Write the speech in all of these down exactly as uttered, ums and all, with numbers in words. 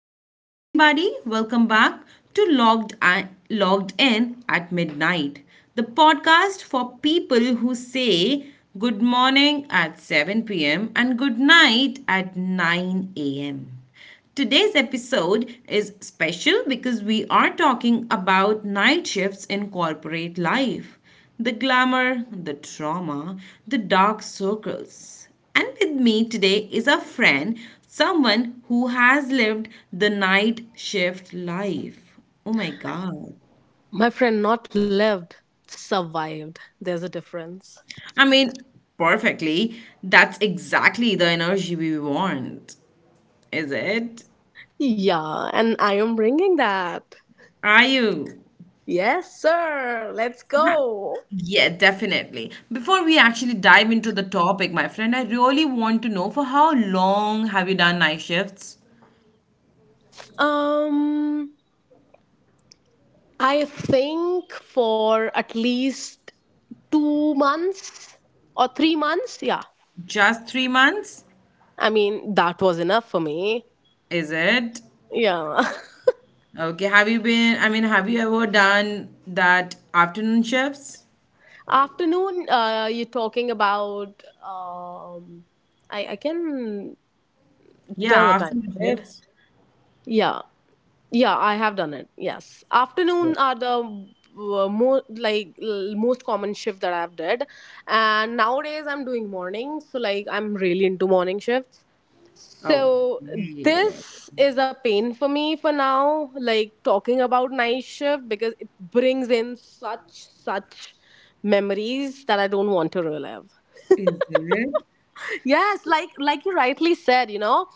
Hello, everybody. Welcome back to Logged, I- Logged In at Midnight, the podcast for people who say good morning at seven p m and good night at nine a m. Today's episode is special because we are talking about night shifts in corporate life, the glamour, the trauma, the dark circles. And with me today is a friend, someone who has lived the night shift life. Oh my God. My friend, not lived, survived. There's a difference. I mean, perfectly. That's exactly the energy we want, is it? Yeah, and I am bringing that. Are you? Yes, sir. Let's Ha- go. Yeah, definitely. Before we actually dive into the topic, my friend, I really want to know for how long have you done night shifts? Um, I think for at least two months or three months. Yeah. Just three months? I mean, that was enough for me. Is it? Yeah. Okay, have you been, I mean, have you ever done that afternoon shifts? Afternoon, uh, you're talking about, um, I, I can Yeah, tell the time, afternoon right? shifts. Yeah. Yeah, I have done it. Yes, afternoon are the uh, more like l- most common shift that I've did, and nowadays I'm doing morning. So like I'm really into morning shifts. Oh, So yeah. this is a pain for me for now. Like talking about night shift because it brings in such such memories that I don't want to relive. Is it? Yes, like like you rightly said, you know,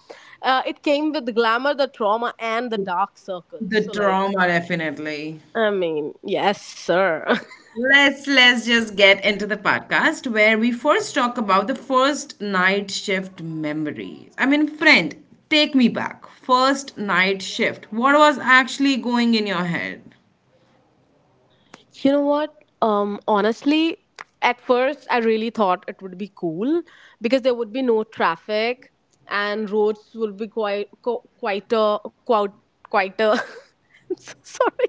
uh, it came with glamour, the trauma, and the dark circles. The So like trauma, definitely. I mean, yes, sir. Let's let's just get into the podcast where we first talk about the first night shift memories. I mean, friend, take me back. First night shift. What was actually going in your head? You know what? Um, honestly, at first I really thought it would be cool because there would be no traffic and roads would be quite co- quieter, quite quieter. I'm so sorry.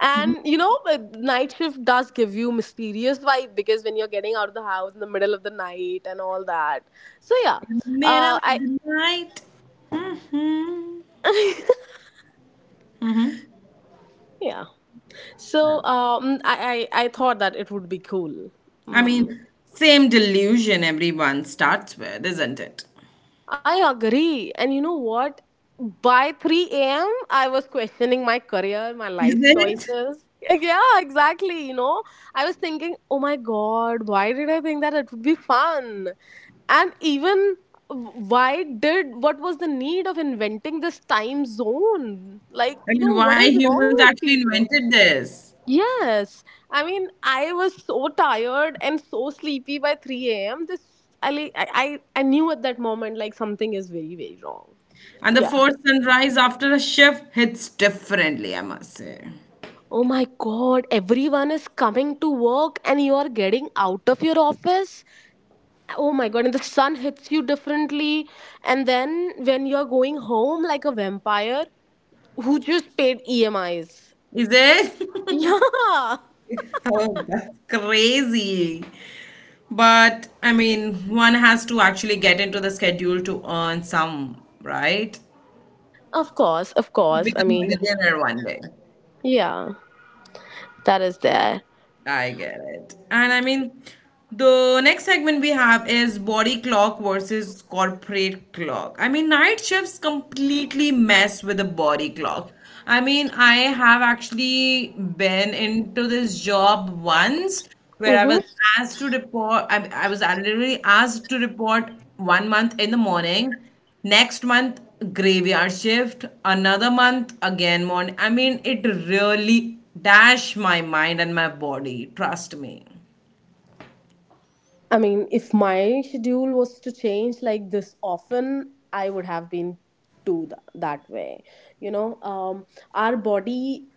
And you know, uh, night shift does give you mysterious vibe because when you're getting out of the house in the middle of the night and all that. So yeah, Middle uh, of I the night. Hmm. yeah. So um, I, I I thought that it would be cool. I Mm. mean, same delusion everyone starts with, isn't it? I agree. And you know what? By three a m, I was questioning my career, my Is life it? choices. Like, yeah, exactly. You know, I was thinking, oh my God, why did I think that it would be fun? And even why did what was the need of inventing this time zone? Like, I you mean, know, what why is humans wrong with actually people? invented this? Yes. I mean, I was so tired and so sleepy by three a m. This I, like, I I I knew at that moment like something is very very wrong. And the Yeah. fourth sunrise after a shift hits differently, I must say. Oh my God, everyone is coming to work and you are getting out of your office. Oh my God, and the sun hits you differently, and then when you are going home like a vampire who just paid E M Is. Is it? Yeah. Oh, that's crazy. But I mean, one has to actually get into the schedule to earn some, right? Of course, of To course. I become a mean, billionaire one day. yeah. That is there. I get it. And I mean, the next segment we have is body clock versus corporate clock. I mean, night shifts completely mess with the body clock. I mean, I have actually been into this job once where I Mm-hmm. was asked to report, I, I was literally asked to report one month in the morning, next month graveyard shift, another month again morning. I mean, it really dash my mind and my body, trust me. I mean, if my schedule was to change like this often, I would have been too th- that way. You know, um, our body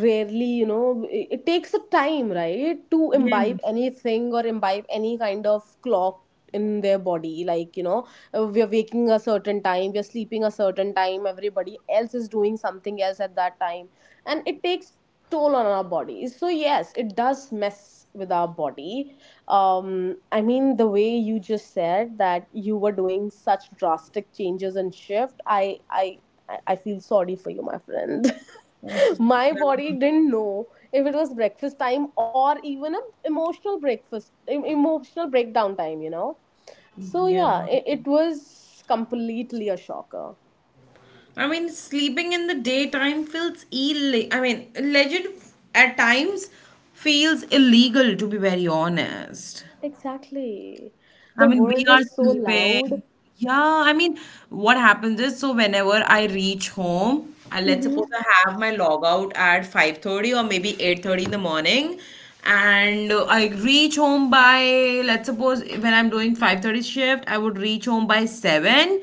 rarely, you know, it it takes a time, right, to imbibe anything or imbibe any kind of clock in their body, like, you know, uh, we are waking a certain time, we are sleeping a certain time, everybody else is doing something else at that time, and it takes toll on our bodies. So yes, it does mess with our body. Um i mean the way you just said that you were doing such drastic changes and shift i i I, I feel sorry for you, my friend. I'm so, My body didn't know if it was breakfast time or even a emotional breakfast em- emotional breakdown time, you know. So yeah. yeah, it, it was completely a shocker. I mean, sleeping in the daytime feels ill. I mean, legit at times feels illegal to be very honest. Exactly. I The mean, we world are is so sleeping. loud. Yeah, I mean, what happens is, so whenever I reach home, and let's Mm-hmm. suppose I have my log out at five thirty or maybe eight thirty in the morning, and uh, I reach home by, let's suppose when I'm doing five thirty shift, I would reach home by seven.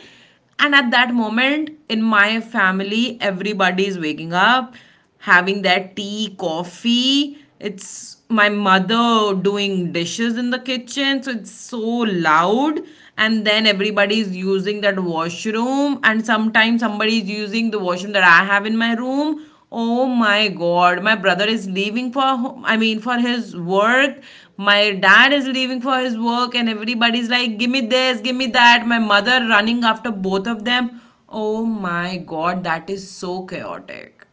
And at that moment, in my family, everybody is waking up, having that tea, coffee. It's my mother doing dishes in the kitchen, so it's so loud. And then everybody's using that washroom, and sometimes somebody is using the washroom that I have in my room. Oh my god, my brother is leaving for ho- I mean for his work. My dad is leaving for his work, and everybody's like give me this, give me that. My mother running after both of them. Oh my god, that is so chaotic.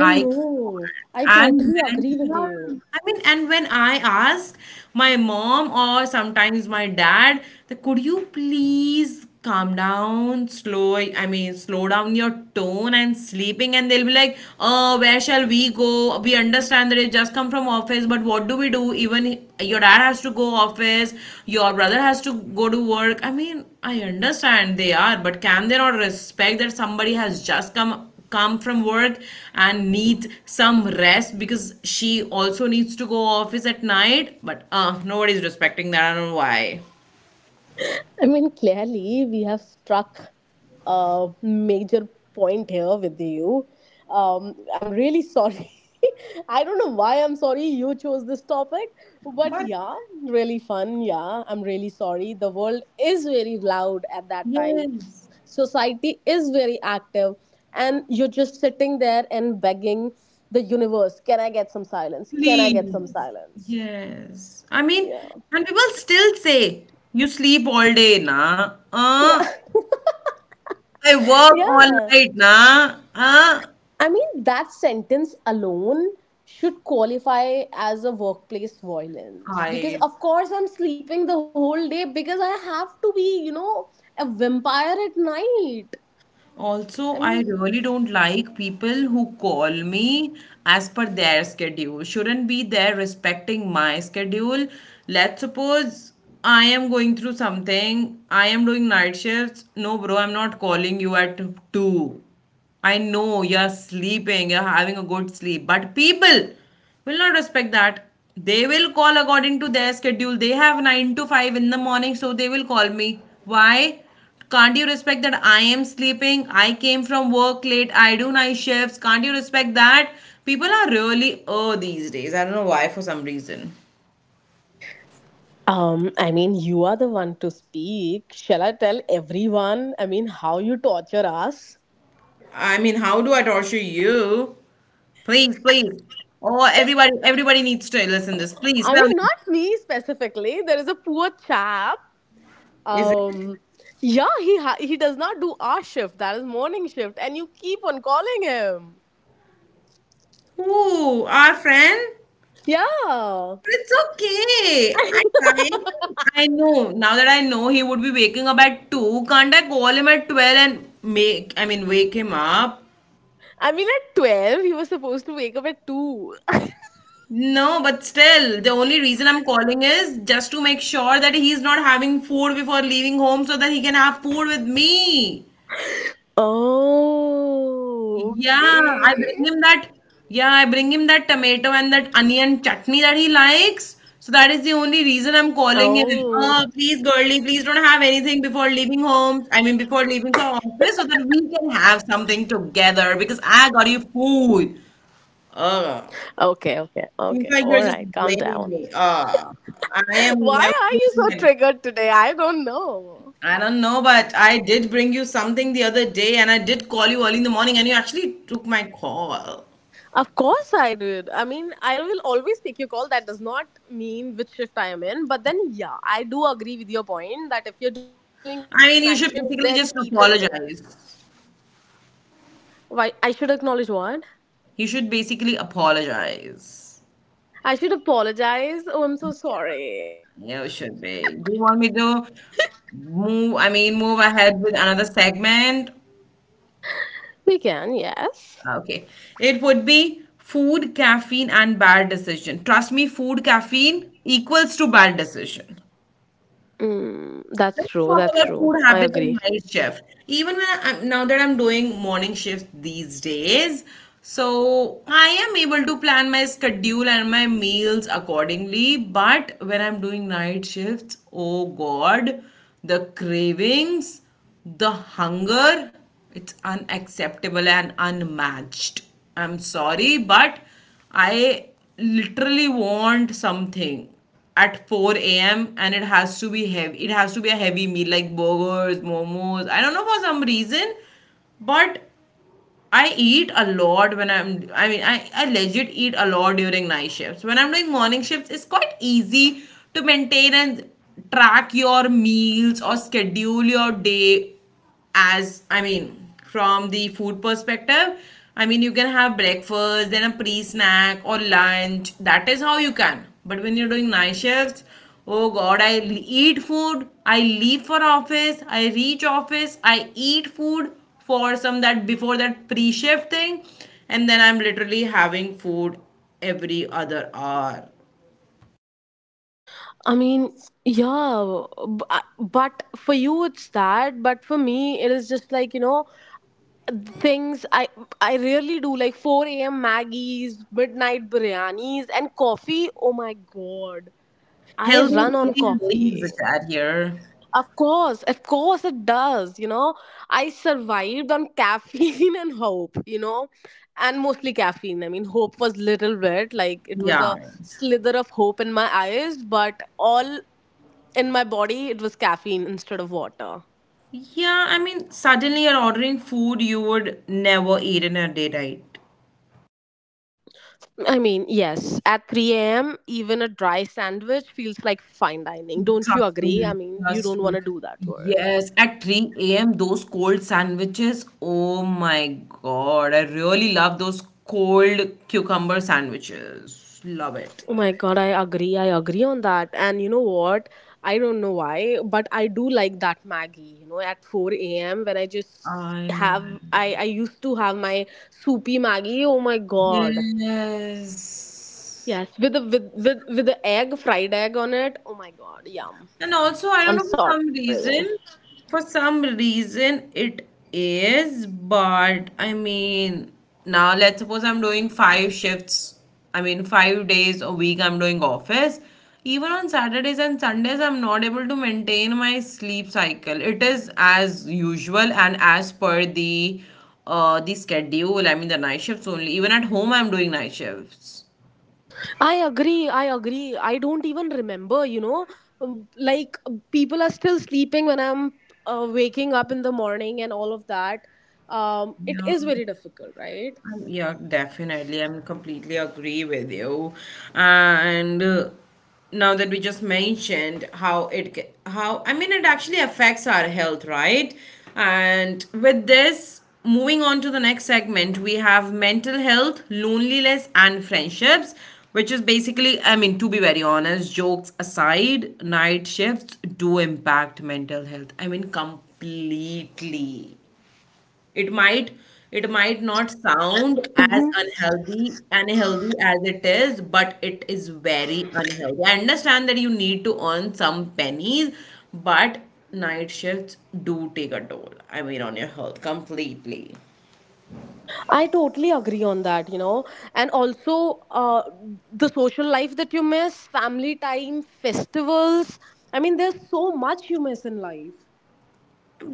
I know, I totally and when agree with you. Yeah, I mean, and when I ask my mom or sometimes my dad, that could you please calm down, slow, I mean, slow down your tone and sleeping, and they'll be like, "Oh, where shall we go? We understand that you just come from office, but what do we do? Even i- your dad has to go office, your brother has to go to work. I mean, I understand they are, but can they not respect that somebody has just come?" Come from work and needs some rest because she also needs to go office at night, but uh nobody's respecting that. I don't know why. I mean, clearly, we have struck a major point here with you. Um, I'm really sorry. I don't know why I'm sorry you chose this topic, but But yeah, really fun. Yeah, I'm really sorry. The world is very loud at that time, yes, society is very active, and you're just sitting there and begging the universe, can I get some silence? Can I get some please. silence? Yes, I mean, Yeah. and people still say you sleep all day, na, Yeah. uh I work all Yeah. night, na. Uh I mean, that sentence alone should qualify as a workplace violence because, I of course, I'm sleeping the whole day because I have to be, you know, a vampire at night. Also, I I mean, really don't like people who call me as per their schedule. Shouldn't be there respecting my schedule. Let's suppose I am going through something, I am doing night shifts. No, bro, I'm not calling you at two. I know you're sleeping, you're having a good sleep, but people will not respect that. They will call according to their schedule. They have nine to five in the morning, so they will call me. Why? Can't you respect that I am sleeping? I came from work late. I do night shifts. Can't you respect that? People are really oh these days. I don't know why for some reason. um, I mean, you are the one to speak. Shall I tell everyone? I mean, how you torture us? I mean, how do I torture you? Please, please. Oh, everybody, everybody needs to listen this. Please I tell mean, me. not me specifically. There is a poor chap. Is it? Um, yeah, he ha- he does not do our shift. That is morning shift, and you keep on calling him. Who? Our friend? But Yeah. it's okay. At time, I know. Now that I know he would be waking up at two, can't I call him at twelve and make, I mean, wake him up? I mean, at twelve, he was supposed to wake up at two. No, but still, the only reason I'm calling is just to make sure that he's not having food before leaving home so that he can have food with me. Oh, Yeah, I okay. bring him that. Yeah, I bring him that tomato and that onion chutney that he likes. So that is the only reason I'm Oh, calling him. Oh, please, girly, please don't have anything before leaving home. I mean, before leaving for office, so that we can have something together because I got you food. Uh, okay, okay, okay. All Seems like right, you're just calm down. blaming me. Uh, I Why am are never you so bringing anything. triggered today? I don't know. I don't know, but I did bring you something the other day, and I did call you early in the morning, and you actually took my call. Of course, I did. I mean, I will always pick your call. That does not mean which shift I am in. But then, yeah, I do agree with your point that if you're doing I night mean, you shift, should then basically just people should. apologize. Why? I should acknowledge what? You should basically apologize. I should apologize. Oh, I'm so sorry. You should be. Do you want me to move? I mean, move ahead with another segment. We can, yes. Okay. It would be food, caffeine, and bad decision. Trust me, food, caffeine equals to bad decision. Mm, that's Let's talk true, about that's food true. I habits and agree. night shift. Even when I'm, now that I'm doing morning shift these days, so I am able to plan my schedule and my meals accordingly. But when I'm doing night shifts, oh God, the cravings, the hunger, it's unacceptable and unmatched. I'm sorry, but I literally want something at four a m and it has to be heavy. It has to be a heavy meal like burgers, momos. I don't know for some reason, but I eat a lot when I'm I mean I, I legit eat a lot during night shifts. When I'm doing morning shifts, it's quite easy to maintain and track your meals or schedule your day as, I mean, from the food perspective. I mean, you can have breakfast, then a pre-snack or lunch. That is how you can. But when you're doing night shifts, oh god, I l- eat food, I leave for office, I reach office, I eat food for some that before that pre-shift thing, and then I'm literally having food every other hour. I mean, yeah, b- I- but for you it's that, but for me it is just like, you know, things I I really do like four a m. Maggie's, midnight biryanis and coffee. Oh my God. I Healthy run on eating leaves the coffee. chat here. Of course, of course it does. You know, I survived on caffeine and hope, you know, and mostly caffeine. I mean, hope was little bit like it was Yeah, a slither of hope in my eyes, but all in my body it was caffeine instead of water. yeah, I mean, suddenly you're ordering food you would never eat in a day diet. I mean, yes, at three a m, even a dry sandwich feels like fine dining. Don't you Trust agree? I me, mean, you trust don't want me. to do that work. Yes, at three a m, those cold sandwiches. Oh my God, I really love those cold cucumber sandwiches. Love it. Oh my God, I agree. I agree on that. And you know what? I don't know why, but I do like that Maggie. You know, at four a m when I just I know. have I I used to have my soupy Maggie. Oh my God. Yes. Yes, with the with with with the egg, fried egg on it. Oh my God, yum. And also, I I'm don't know for sorry. some reason, for some reason it is, but I mean, now let's suppose I'm doing five shifts. I mean, five days a week I'm doing office. Even on Saturdays and Sundays, I'm not able to maintain my sleep cycle. It is as usual and as per the uh the schedule. I mean, the night shifts only. Even at home, I'm doing night shifts. I agree. I agree. I don't even remember, you know, Um, like people are still sleeping when I'm uh, waking up in the morning and all of that. Um, it Yeah. is very difficult, right? Um, Yeah, definitely. I'm completely agree with you. And uh, now that we just mentioned how it ca- how, I mean, it actually affects our health, right? And with this, moving on to the next segment, we have mental health, loneliness, and friendships, which is basically, I mean, to be very honest, jokes aside, night shifts do impact mental health. I mean, completely. It might it might not sound as Mhm. unhealthy unhealthy as it is, but it is very unhealthy. I understand that you need to earn some pennies, but night shifts do take a toll. I mean, on your health completely. I totally agree on that, you know. And also, uh, the social life that you miss, family time, festivals. I mean, there's so much you miss in life.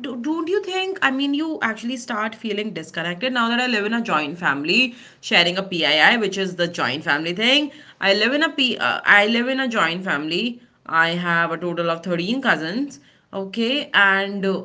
do, Don't you think, I mean, you actually start feeling disconnected? Now that I live in a joint family, sharing a P I I, which is the joint family thing. i live in a p uh, I live in a joint family. I have a total of thirteen cousins. Okay, and uh,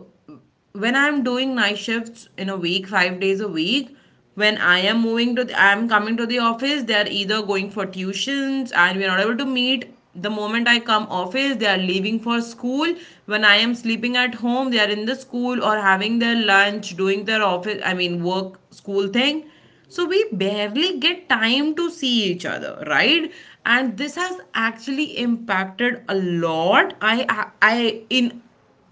when I'm doing night shifts in a week, five days a week, when I am moving to, the, I'm coming to the office, they are either going for tuitions and we're not able to meet. The moment I come office, they are leaving for school. When I am sleeping at home, they are in the school or having their lunch, doing their office, I mean, work, school thing. So we barely get time to see each other, right? And this has actually impacted a lot. I, I, I in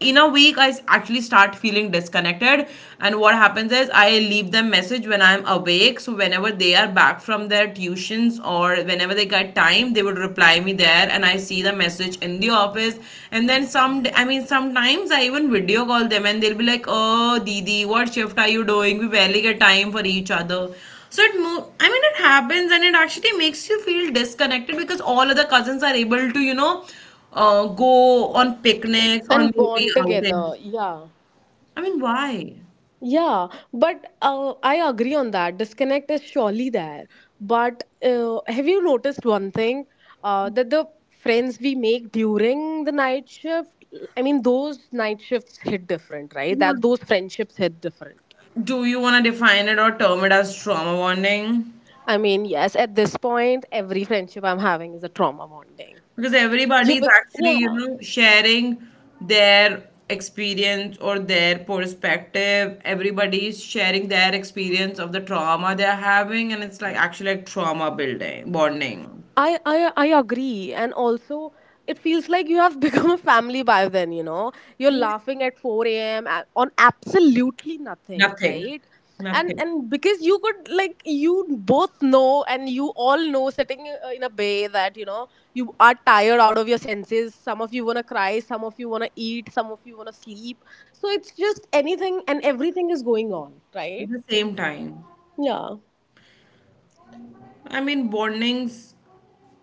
in a week I actually start feeling disconnected. And what happens is I leave them message when I'm awake, so whenever they are back from their tuitions or whenever they got time, they would reply me there and I see the message in the office. And then some I mean sometimes I even video call them and they'll be like, oh didi, what shift are you doing? We barely get time for each other. So it mo- I mean it happens, and it actually makes you feel disconnected because all other cousins are able to, you know, uh, go on picnics or And maybe bond together. outings. Yeah. I mean, why? Yeah. But uh, I agree on that. Disconnect is surely there. But uh, have you noticed one thing? Uh, that the friends we make during the night shift, I mean, those night shifts hit different, right? That those friendships hit different. Do you want to define it or term it as trauma bonding? I mean, yes, at this point, every friendship I'm having is a trauma bonding. Because everybody You, is be- actually, yeah, you know, sharing their experience or their perspective. Everybody is sharing their experience of the trauma they're having, and it's like actually like trauma building, bonding. I, I I agree, and also it feels like you have become a family by then. You know, you're Yeah. laughing at four a m on absolutely nothing, Nothing. right? And Nothing. and because you could like you both know and you all know sitting uh, in a bay that, you know, you are tired out of your senses. Some of you wanna cry, some of you wanna eat, some of you wanna sleep. So it's just anything and everything is going on, At right? the same time. Yeah, I mean, bondings,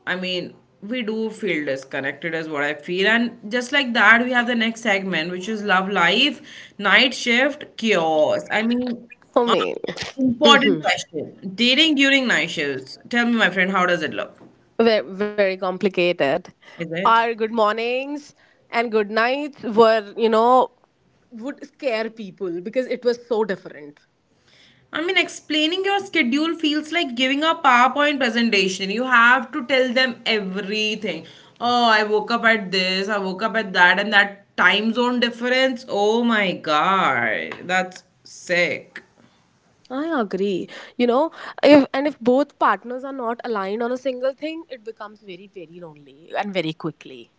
I mean, we do feel disconnected, is what I feel. And just like that, we have the next segment, which is Love Life, Night Shift, Chaos. I mean, for uh, me. Important Hmm. question. Dating during night shifts. Tell me, my friend, how does it look? Ve- very complicated. Is it? Our good mornings and good nights were, you know, would scare people because it was so different. I mean, explaining your schedule feels like giving a PowerPoint presentation. You have to tell them everything. Oh, I woke up at this, I woke up at that, and that time zone difference. Oh my god, that's sick. I agree. You know, if and if both partners are not aligned on a single thing, it becomes very, very lonely and very quickly.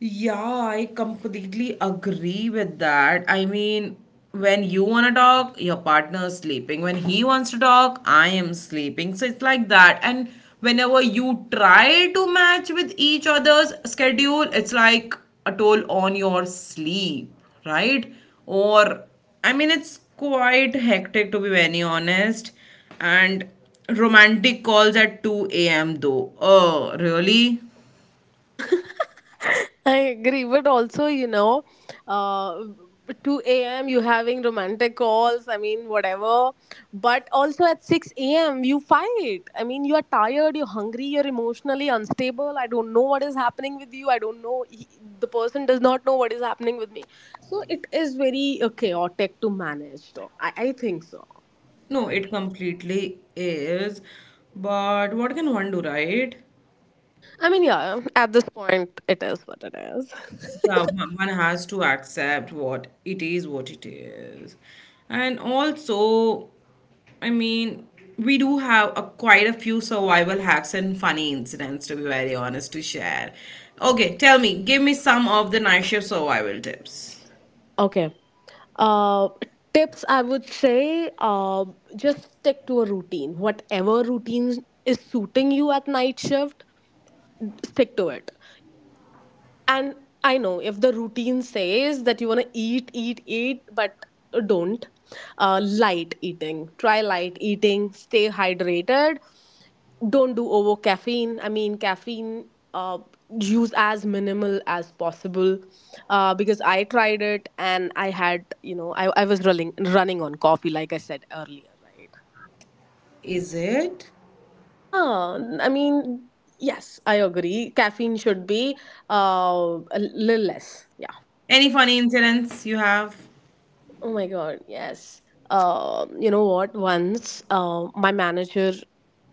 Yeah, I completely agree with that. I mean, when you want to talk, your partner is sleeping. When he wants to talk, I am sleeping. So it's like that. And whenever you try to match with each other's schedule, it's like a toll on your sleep, right? Or, I mean, it's quite hectic to be very honest. And romantic calls at two a m though. Oh, really? I agree, but also you know, uh, two a m you having romantic calls. I mean, whatever. But also at six a m you fight. I mean, you are tired, you're hungry, you're emotionally unstable. I don't know what is happening with you. I don't know. He, the person does not know what is happening with me. So it is very uh, chaotic to manage. Though I, I think so. No, it completely is. But what can one do, right? I mean, yeah. At this point, it is what it is. Yeah, one one has to accept what it is, what it is. And also, I mean, we do have a, quite a few survival hacks and funny incidents, to be very honest, to share. Okay, tell me, give me some of the night shift survival tips. Okay. Uh, Tips I would say, um, just stick to a routine. Whatever routine is suiting you at night shift, stick to it. And I know if the routine says that you want to eat, eat, eat, but don't. Uh, light eating. Try light eating. Stay hydrated, don't do over caffeine. I mean caffeine, uh, use as minimal as possible, uh, because I tried it and I had, you know, I, I was running running on coffee, like I said earlier, right? Is it? Yeah. I mean, yes, I agree caffeine should be uh, a little less. Yeah. Any funny incidents you have? Oh my God, yes. Um, you know what? Once uh, my manager,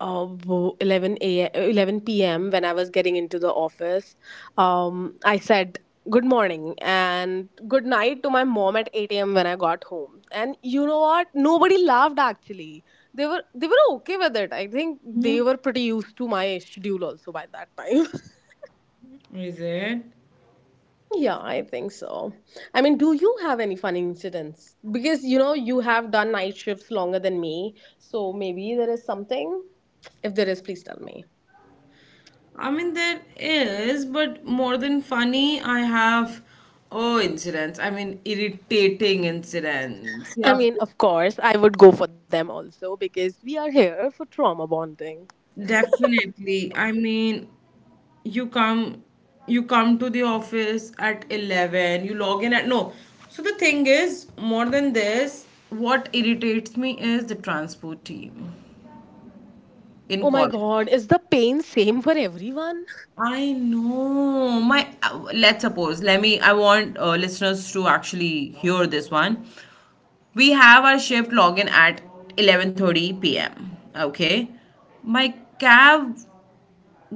uh, wo- 11 a eleven p m when I was getting into the office, um, I said good morning and good night to my mom at eight a m when I got home. And you know what? Nobody laughed actually. They were they were okay with it. I think they were pretty used to my schedule also by that time. Is it? Yeah, I think so. I mean, do you have any funny incidents? Because you know, you have done night shifts longer than me, so maybe there is something. If there is, please tell me. I mean, there is, but more than funny, I have, oh, incidents. I mean, irritating incidents. I Yeah, mean, of course, I would go for them also because we are here for trauma bonding. definitely. I mean, you come, you come to the office at eleven, you log in at, no. So the thing is, more than this, what irritates me is the transport team in Oh my college. God, is the pain same for everyone? I know. My uh, let's suppose. Let me. I want uh, listeners to actually hear this one. We have our shift login at eleven thirty p m. Okay, my cab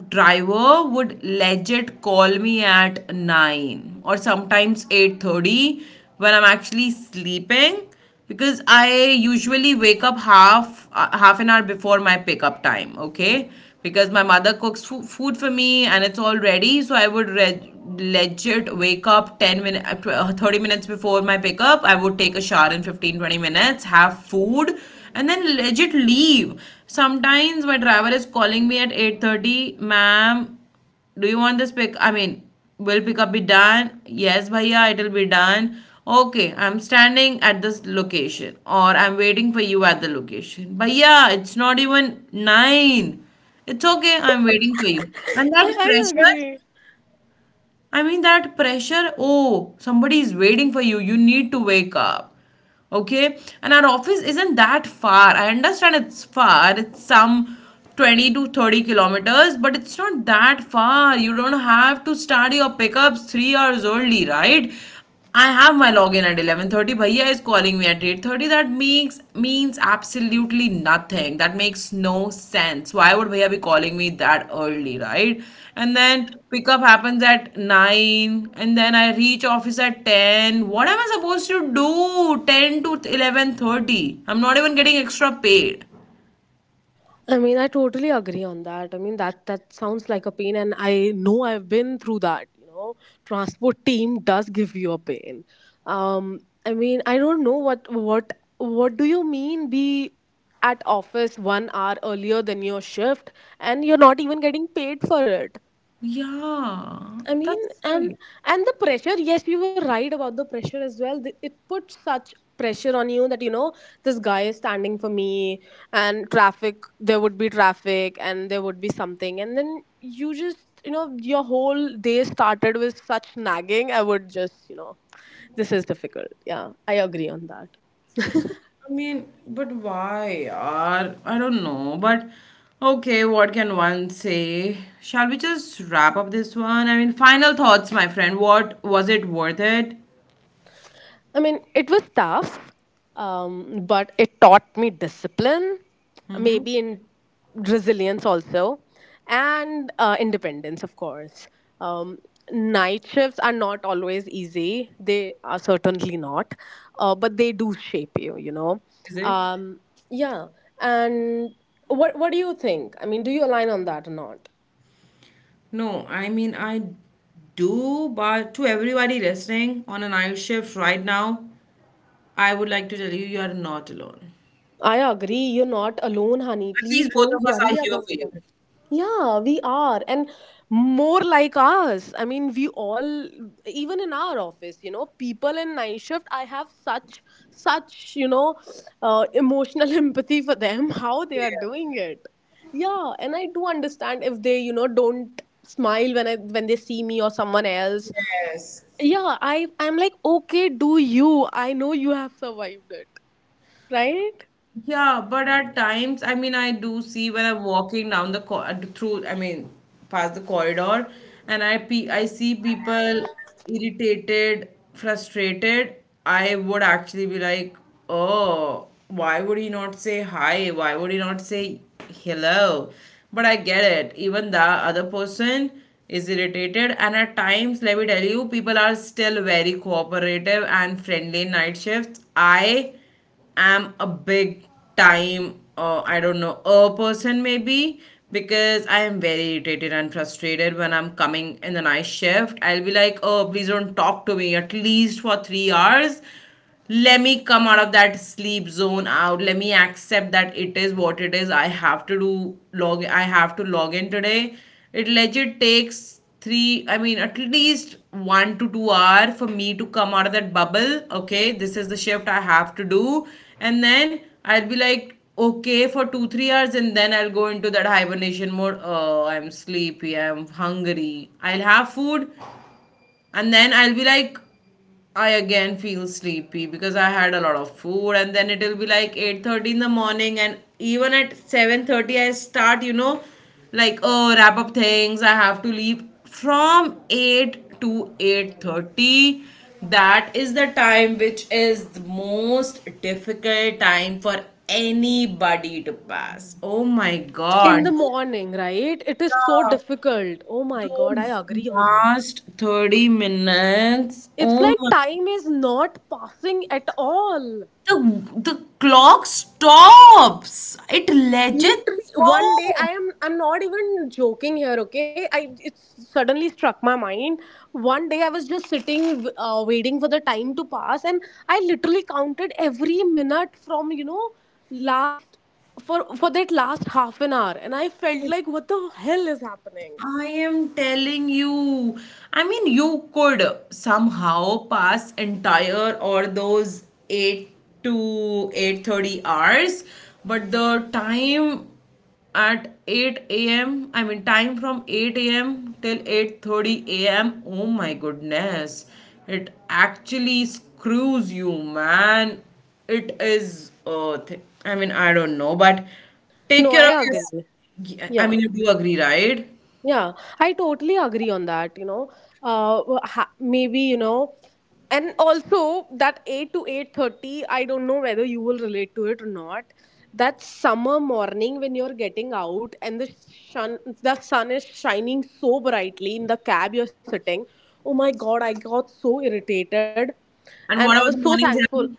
driver would legit call me at nine or sometimes eight thirty when I'm actually sleeping, because I usually wake up half uh, half an hour before my pickup time, okay? Because my mother cooks fo- food for me and it's all ready, so I would re- legit wake up ten minutes thirty minutes before my pickup. I would take a shower in fifteen twenty minutes, have food and then legit leave. Sometimes my driver is calling me at eight thirty. Ma'am, do you want this pick? I mean, will pickup be done? Yes, bhaiya, it'll be done. Okay, I'm standing at this location or I'm waiting for you at the location. But yeah, it's not even nine. It's okay, I'm waiting for you. And that I, I pressure. agree. I mean, that pressure, oh, somebody is waiting for you. You need to wake up. Okay? And our office isn't that far. I understand it's far. It's some twenty to thirty kilometers, but it's not that far. You don't have to start your pickups three hours early, right? I have my login at eleven thirty. Bhaiya is calling me at eight thirty. That makes means absolutely nothing. That makes no sense. Why would Bhaiya be calling me that early, right? And then pickup happens at nine and then I reach office at ten. What am I supposed to do ten to eleven thirty? I'm not even getting extra paid. I mean, I totally agree on that. I mean, that that sounds like a pain, and I know I've been through that. You know, transport team does give you a pain. Um, I mean, I don't know what what what do you mean be at office one hour earlier than your shift, and you're not even getting paid for it. Yeah. I mean, That's and it. and the pressure. Yes, you were right about the pressure as well. Th- It puts such pressure on you that you know this guy is standing for me, and traffic. There would be traffic, and there would be something, and then you just you know your whole day started with such nagging. I would just you know this is difficult. Yeah, I agree on that. I mean, but why are I don't know, but okay, what can one say? Shall we just wrap up this one? I mean, final thoughts, my friend. What was it worth it? I mean, it was tough, um, but it taught me discipline, maybe in resilience also, and uh, independence, of course. Um, Night shifts are not always easy. They are certainly not, uh, but they do shape you. You know, Is it? um, yeah. And what what do you think? I mean, do you align on that or not? No, I mean I do, but to everybody listening on a night shift right now, I would like to tell you, you are not alone. I agree. You're not alone, honey. At Please least both don't of us worry are here about for you. that. Yeah, we are. And more like us. I mean, we all, even in our office, you know, people in night shift, I have such, such, you know, uh, emotional empathy for them, how they are doing it. Yeah, and I do understand if they, you know, don't smile when I when they see me or someone else. Yes. Yeah, I I'm like, okay, do you? I know you have survived it, right? Yeah, but at times, I mean, I do see when I'm walking down the co uh, through, I mean, past the corridor, and I pe I see people irritated, frustrated. I would actually be like, oh, why would he not say hi? Why would he not say hello? But I get it. Even the other person is irritated. And at times, let me tell you, people are still very cooperative and friendly in night shifts. I am a big time, uh, I don't know, a person maybe because I am very irritated and frustrated when I'm coming in the night shift. I'll be like, oh, please don't talk to me at least for three hours. Let me come out of that sleep zone out. Let me accept that it is what it is. I have to do log. I have to log in today. It legit takes three, I mean at least one to two hour for me to come out of that bubble. Okay, this is the shift I have to do. And then I'll be like, okay, for two three hours, and then I'll go into that hibernation mode. Oh, I'm sleepy, I'm hungry, I'll have food. And then I'll be like, I again feel sleepy because I had a lot of food, and then it'll be like eight thirty in the morning, and even at seven thirty I start, you know, like oh wrap up things. I have to leave from eight to eight thirty. That is the time which is the most difficult time for anybody to pass. Oh my God. In the morning, right? It is so Yeah. difficult. Oh my God, I Those agree on that. last thirty minutes, It's oh like my, time is not passing at all. the, the clock stops. It legit Literally, one day I stops. am I'm not even joking here. Okay, I it suddenly struck my mind. One day I was just sitting, uh, waiting for the time to pass, and I literally counted every minute from you know last for for that last half an hour, and I felt like what the hell is happening. I am telling you. I mean, you could somehow pass entire or those eight to eight thirty hours, but the time at eight a m. I mean, time from eight a m till eight thirty a m. Oh my goodness. It actually screws you, man. It is uh th- I mean, I don't know, but take No, I care of agree. your I Yeah. mean, you do agree, right? Yeah, I totally agree on that, you know. Uh, ha- Maybe, you know, and also that eight to eight thirty, I don't know whether you will relate to it or not. That summer morning when you're getting out and the sun the sun is shining so brightly in the cab you're sitting. Oh my God, I got so irritated and And I what was about the so morning thankful. jam?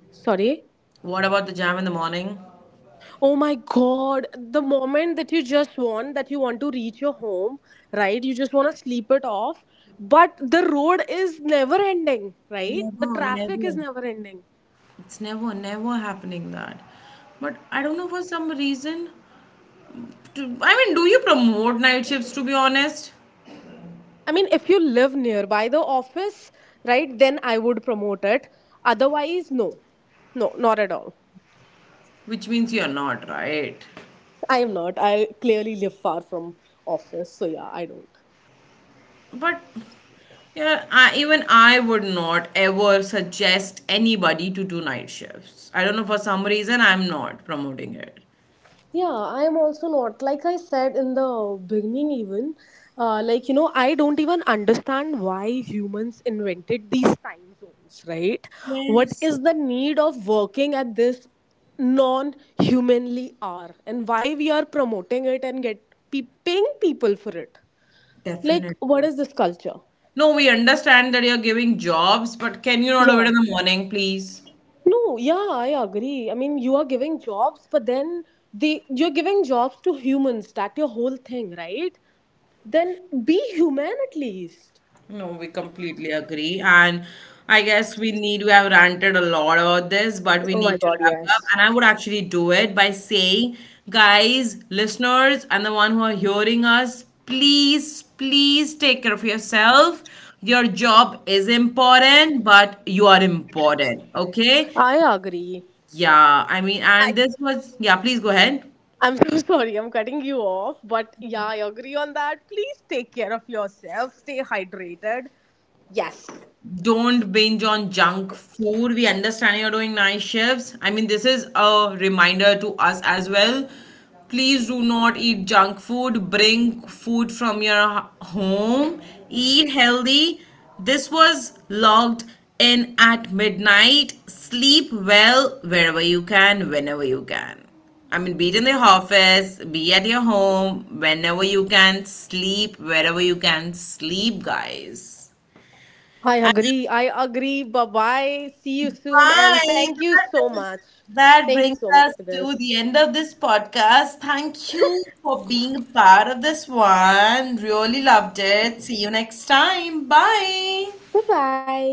Sorry. What about the jam in the morning? Oh my God. The moment that you just want, that you want to reach your home, right? You just want to sleep it off. But the road is never ending, right? The Never, traffic is never. never ending. It's never, never happening that. But I don't know for some reason. To, I mean, do you promote night shifts to be honest? I mean, if you live nearby the office, right, then I would promote it. Otherwise, no. No, not at all. Which means you're not, right? I am not. I clearly live far from office. So yeah, I don't. But yeah, I, even I would not ever suggest anybody to do night shifts. I don't know for some reason I'm not promoting it. Yeah, I am also not. Like I said in the beginning, even, uh, like, you know, I don't even understand why humans invented these time zones, right? What Yes, is the need of working at this non humanly hour and why we are promoting it and get pe- paying people for it? Like, what definitely. is this culture? No, we understand that you're giving jobs, but can you not do it Yeah. in the morning, please? No, yeah, I agree. I mean, you are giving jobs, but then they you're giving jobs to humans. That your whole thing, right? Then be human at least. No, we completely agree. And I guess we need, we have ranted a lot about this, but we Oh my need to God, wrap up. yes. And I would actually do it by saying, guys, listeners, and the one who are hearing us, please, please take care of yourself. Your job is important, but you are important. Okay. I agree. Yeah. I mean, I and this was, yeah, please go ahead. I'm so sorry, I'm cutting you off, but yeah, I agree on that. Please take care of yourself, stay hydrated. Yes. Don't binge on junk food. We understand you're doing night shifts. I mean, this is a reminder to us as well. Please do not eat junk food. Bring food from your h- home. Eat healthy. This was logged in at midnight. Sleep well wherever you can, whenever you can. I mean, be it in the office, be at your home, whenever you can, sleep wherever you can, sleep, guys. I agree. I agree. Bye bye. See you soon and Bye. thank you That so brings, much. that Thank you brings so much us for to this. the end of this podcast. Thank you for being a part of this one. Really loved it. See you next time. Bye. Bye bye.